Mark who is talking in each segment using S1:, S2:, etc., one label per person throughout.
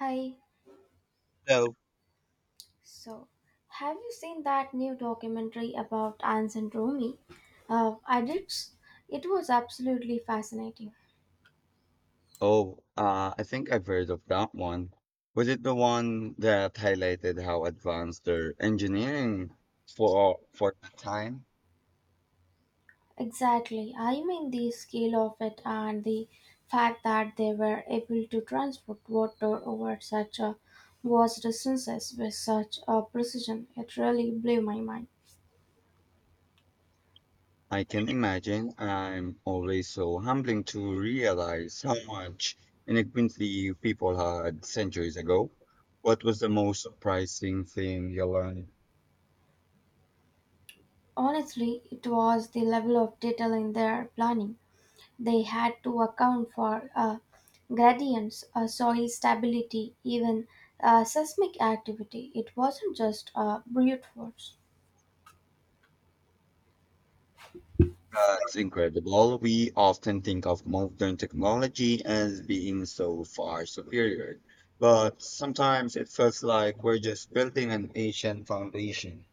S1: Hi.
S2: So,
S1: So, have you seen that new documentary about ancient Rome? I did. It was absolutely fascinating.
S2: oh, I think I've heard of that one. Was it the one that highlighted how advanced their engineering for the time?
S1: Exactly. I mean the scale of it and the fact that they were able to transport water over such a vast distances with such a precision. It really blew my mind.
S2: I can imagine. I'm always so humbling to realize how much inequity people had centuries ago. What was the most surprising thing you learned?
S1: Honestly, it was the level of detail in their planning. They had to account for gradients, soil stability, even seismic activity. It wasn't just brute force.
S2: That's incredible. We often think of modern technology as being so far superior, but sometimes it feels like we're just building an ancient foundation.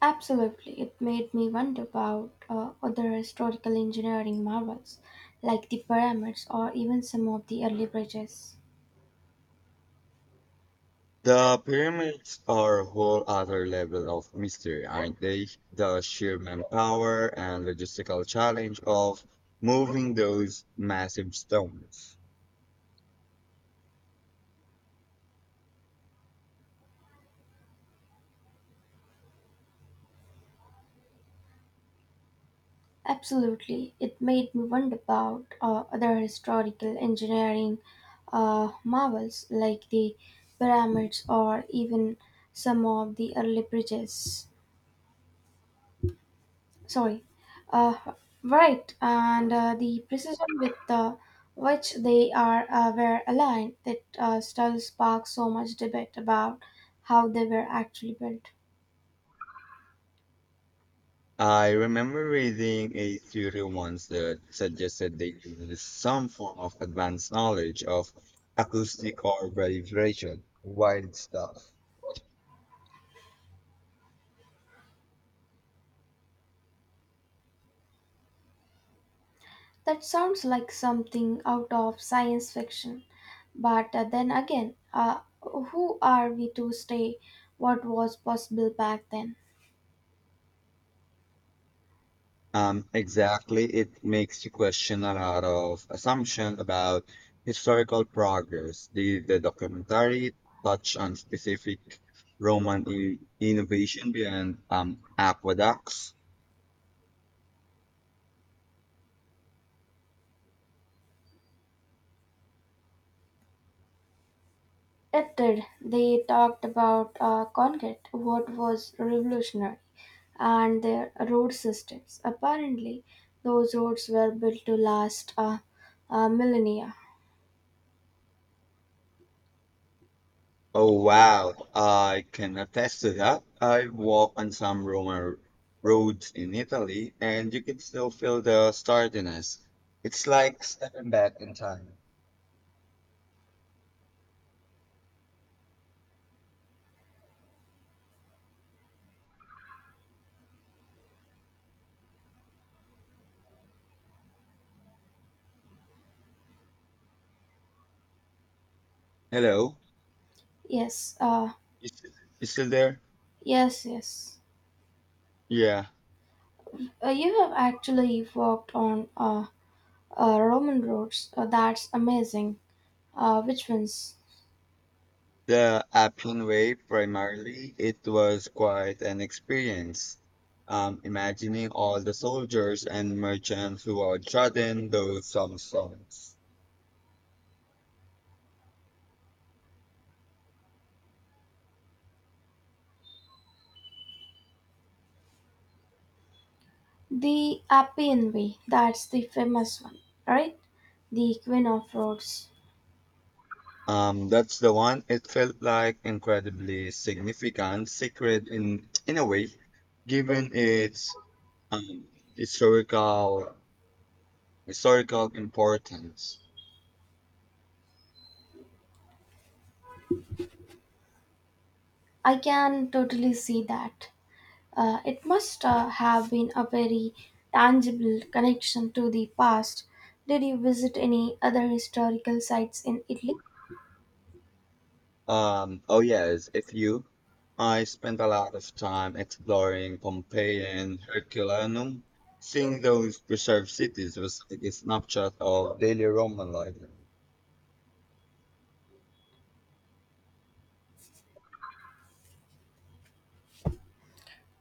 S1: Absolutely, it made me wonder about other historical engineering marvels like the pyramids or even some of the early bridges.
S2: The pyramids are a whole other level of mystery, aren't they? The sheer manpower and logistical challenge of moving those massive stones.
S1: Absolutely. It made me wonder about other historical engineering marvels like the pyramids or even some of the early bridges. Sorry. Uh, right, and the precision with which they are were aligned that still sparks so much debate about how they were actually built.
S2: I remember reading a theory once that suggested they use some form of advanced knowledge of acoustic or vibration. Wild stuff.
S1: That sounds like something out of science fiction. But then again, who are we to say what was possible back then?
S2: Exactly. It makes you question a lot of assumption about historical progress. Did the documentary touch on specific Roman innovation beyond aqueducts?
S1: It did. They talked about concrete, what was revolutionary, and their road systems. Apparently, those roads were built to last millennia.
S2: Oh wow, I can attest to that. I walked on some Roman roads in Italy and you can still feel the stardiness. It's like stepping back in time. Hello?
S1: Yes,
S2: You still, you still there?
S1: yes, yes.
S2: Yeah.
S1: You have actually walked on Roman roads. That's amazing. Which ones?
S2: The Appian Way primarily, it was quite an experience. Imagining all the soldiers and merchants who are chanting those some songs.
S1: The Appian Way. That's the famous one, right? The Queen of Roads.
S2: That's the one. It felt like incredibly significant, sacred in a way, given its um, historical historical importance.
S1: I can totally see that. It must have been a very tangible connection to the past. Did you visit any other historical sites in Italy?
S2: Oh yes, if you, I spent a lot of time exploring Pompeii and Herculaneum. Seeing those preserved cities was like a snapshot of daily Roman life.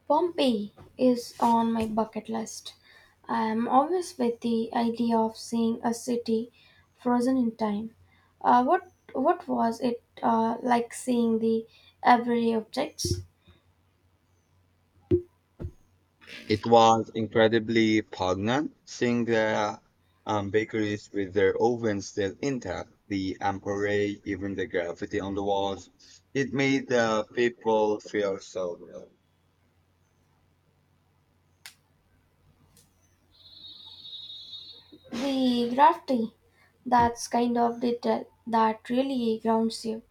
S1: Pompeii is on my bucket list. I am always with the idea of seeing a city frozen in time. What was it like seeing the everyday objects?
S2: It was incredibly poignant seeing the bakeries with their ovens still intact, the amperage, even the graffiti on the walls. It made the people feel so real.
S1: The graffiti, that's kind of detail that really grounds you,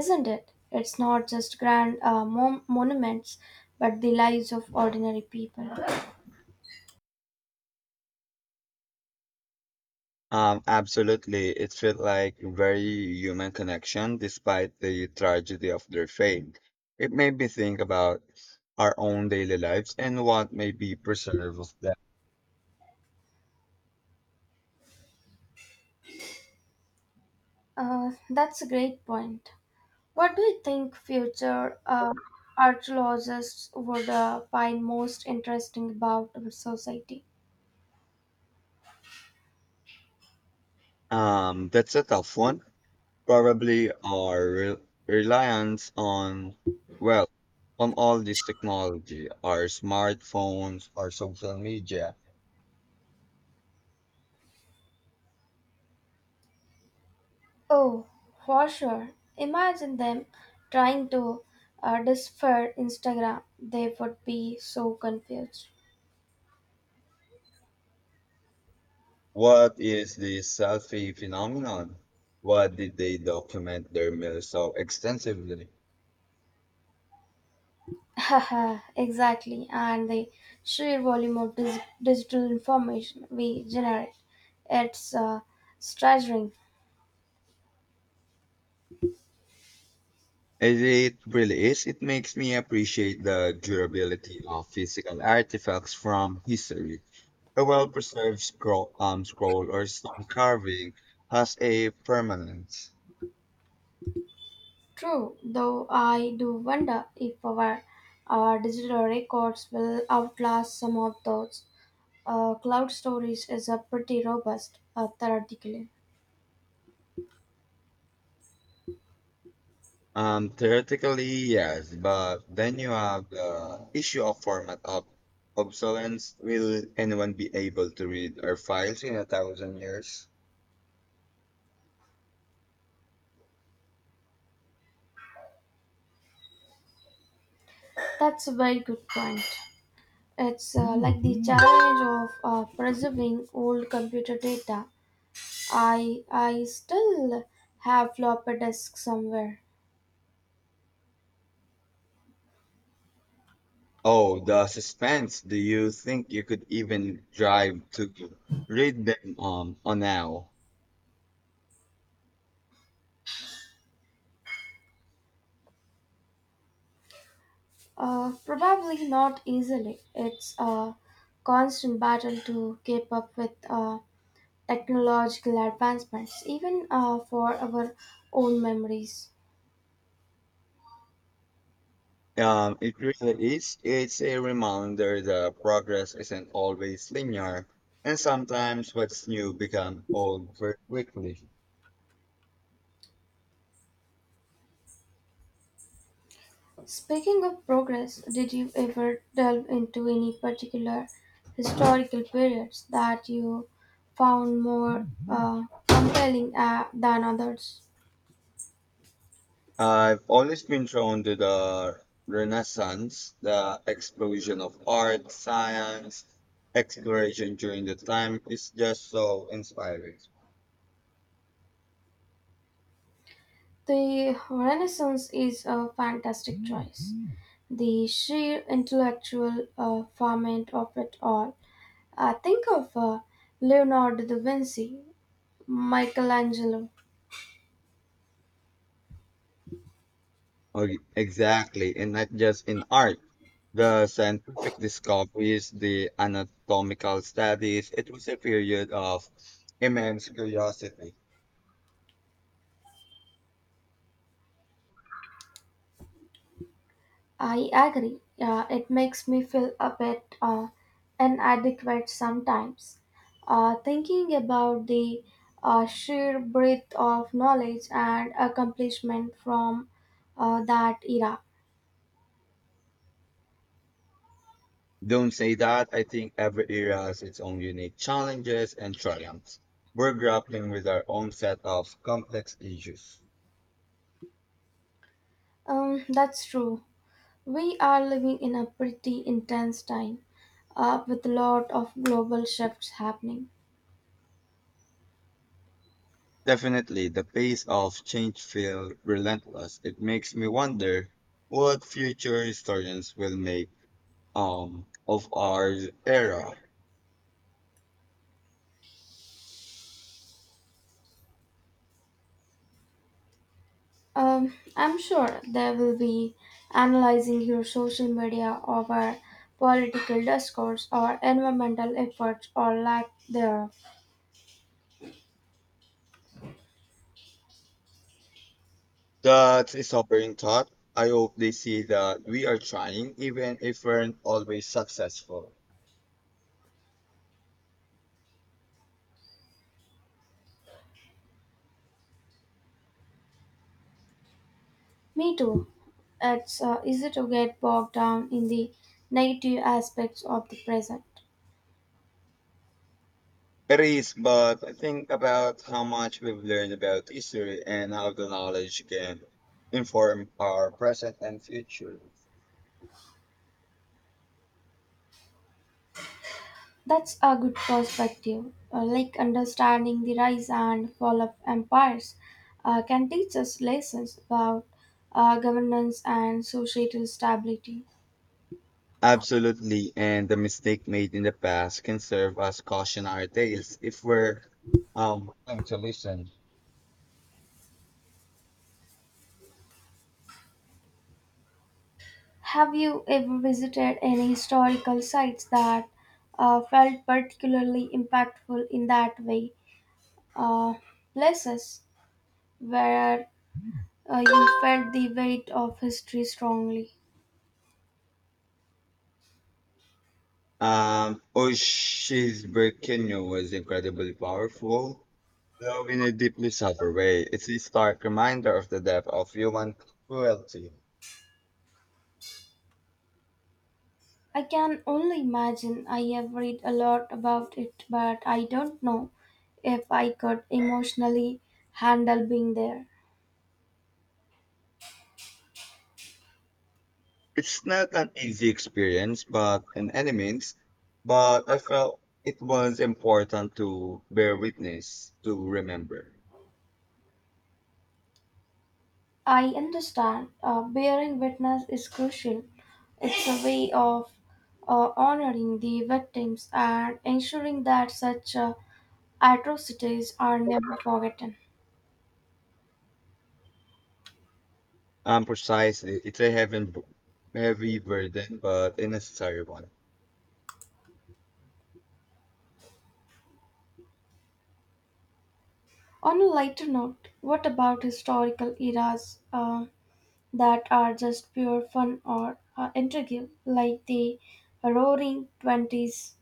S1: isn't it? It's not just grand monuments, but the lives of ordinary people.
S2: Absolutely. It felt like very human connection despite the tragedy of their fate. It made me think about our own daily lives and what may be preserved of them.
S1: That's a great point. What do you think future archaeologists would find most interesting about our society?
S2: That's a tough one. Probably our reliance on, well, on all this technology, our smartphones, our social media.
S1: Oh, for sure. Imagine them trying to decipher Instagram. They would be so confused.
S2: What is the selfie phenomenon? What did they document their meals so extensively?
S1: Haha, exactly. And the sheer volume of digital information we generate, it's staggering.
S2: It really is. It makes me appreciate the durability of physical artifacts from history. A well preserved scroll, scroll or stone carving has a permanence.
S1: True, though I do wonder if our digital records will outlast some of those. Cloud storage is a pretty robust theoretically.
S2: Theoretically, yes, but then you have the issue of format of obsolescence. Will anyone be able to read our files in a thousand years?
S1: That's a very good point. It's like the challenge of preserving old computer data. I still have floppy disks somewhere.
S2: Oh, the suspense. Do you think you could even drive to read them on now?
S1: Probably not easily. It's a constant battle to keep up with. Technological advancements, even for our own memories.
S2: It really is. It's a reminder that progress isn't always linear, and sometimes what's new becomes old very quickly.
S1: Speaking of progress, did you ever delve into any particular historical periods that you found more compelling than others?
S2: I've always been drawn to the Renaissance, the explosion of art, science, exploration during the time is just so inspiring.
S1: The Renaissance is a fantastic choice. The sheer intellectual ferment of it all. Think of Leonardo da Vinci, Michelangelo,
S2: Exactly, and not just in art. The scientific discoveries, the anatomical studies, it was a period of immense curiosity.
S1: I agree. It makes me feel a bit inadequate sometimes. Thinking about the sheer breadth of knowledge and accomplishment from that era.
S2: Don't say that. I think every era has its own unique challenges and triumphs. We're grappling with our own set of complex issues.
S1: That's true. We are living in a pretty intense time with a lot of global shifts happening.
S2: Definitely, the pace of change feels relentless. It makes me wonder what future historians will make of our era.
S1: I'm sure they will be analyzing your social media over political discourse or environmental efforts or lack thereof.
S2: That's a sobering thought. I hope they see that we are trying, even if we're not always successful.
S1: Me too. It's easy to get bogged down in the negative aspects of the present.
S2: It is, but I think about how much we've learned about history and how the knowledge can inform our present and future.
S1: That's a good perspective. Like understanding the rise and fall of empires can teach us lessons about governance and societal stability.
S2: Absolutely, and the mistake made in the past can serve as cautionary tales if we're willing to listen.
S1: Have you ever visited any historical sites that felt particularly impactful in that way? Uh, places where you felt the weight of history strongly.
S2: Oshi's Kenyo was incredibly powerful, though in a deeply subtle way. It's a stark reminder of the depth of human cruelty.
S1: I can only imagine. I have read a lot about it, but I don't know if I could emotionally handle being there.
S2: It's not an easy experience, but in any means, but I felt it was important to bear witness to remember.
S1: I understand bearing witness is crucial. It's a way of honoring the victims and ensuring that such atrocities are never forgotten.
S2: Precisely. It's a heavy burden, but a necessary one.
S1: On a lighter note, what about historical eras that are just pure fun or intrigue, like the Roaring Twenties?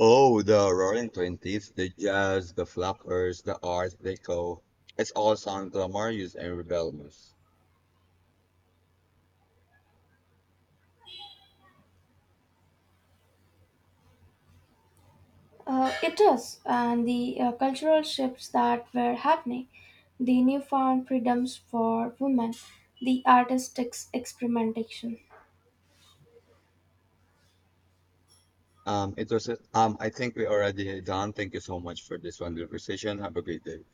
S2: Oh, the Roaring Twenties, the jazz, the flappers, the art deco. It's all sound glamorous and rebellious.
S1: It is, and the cultural shifts that were happening, the newfound freedoms for women, the artistic experimentation.
S2: It was. I think we already done. Thank you so much for this wonderful conversation. Have a great day.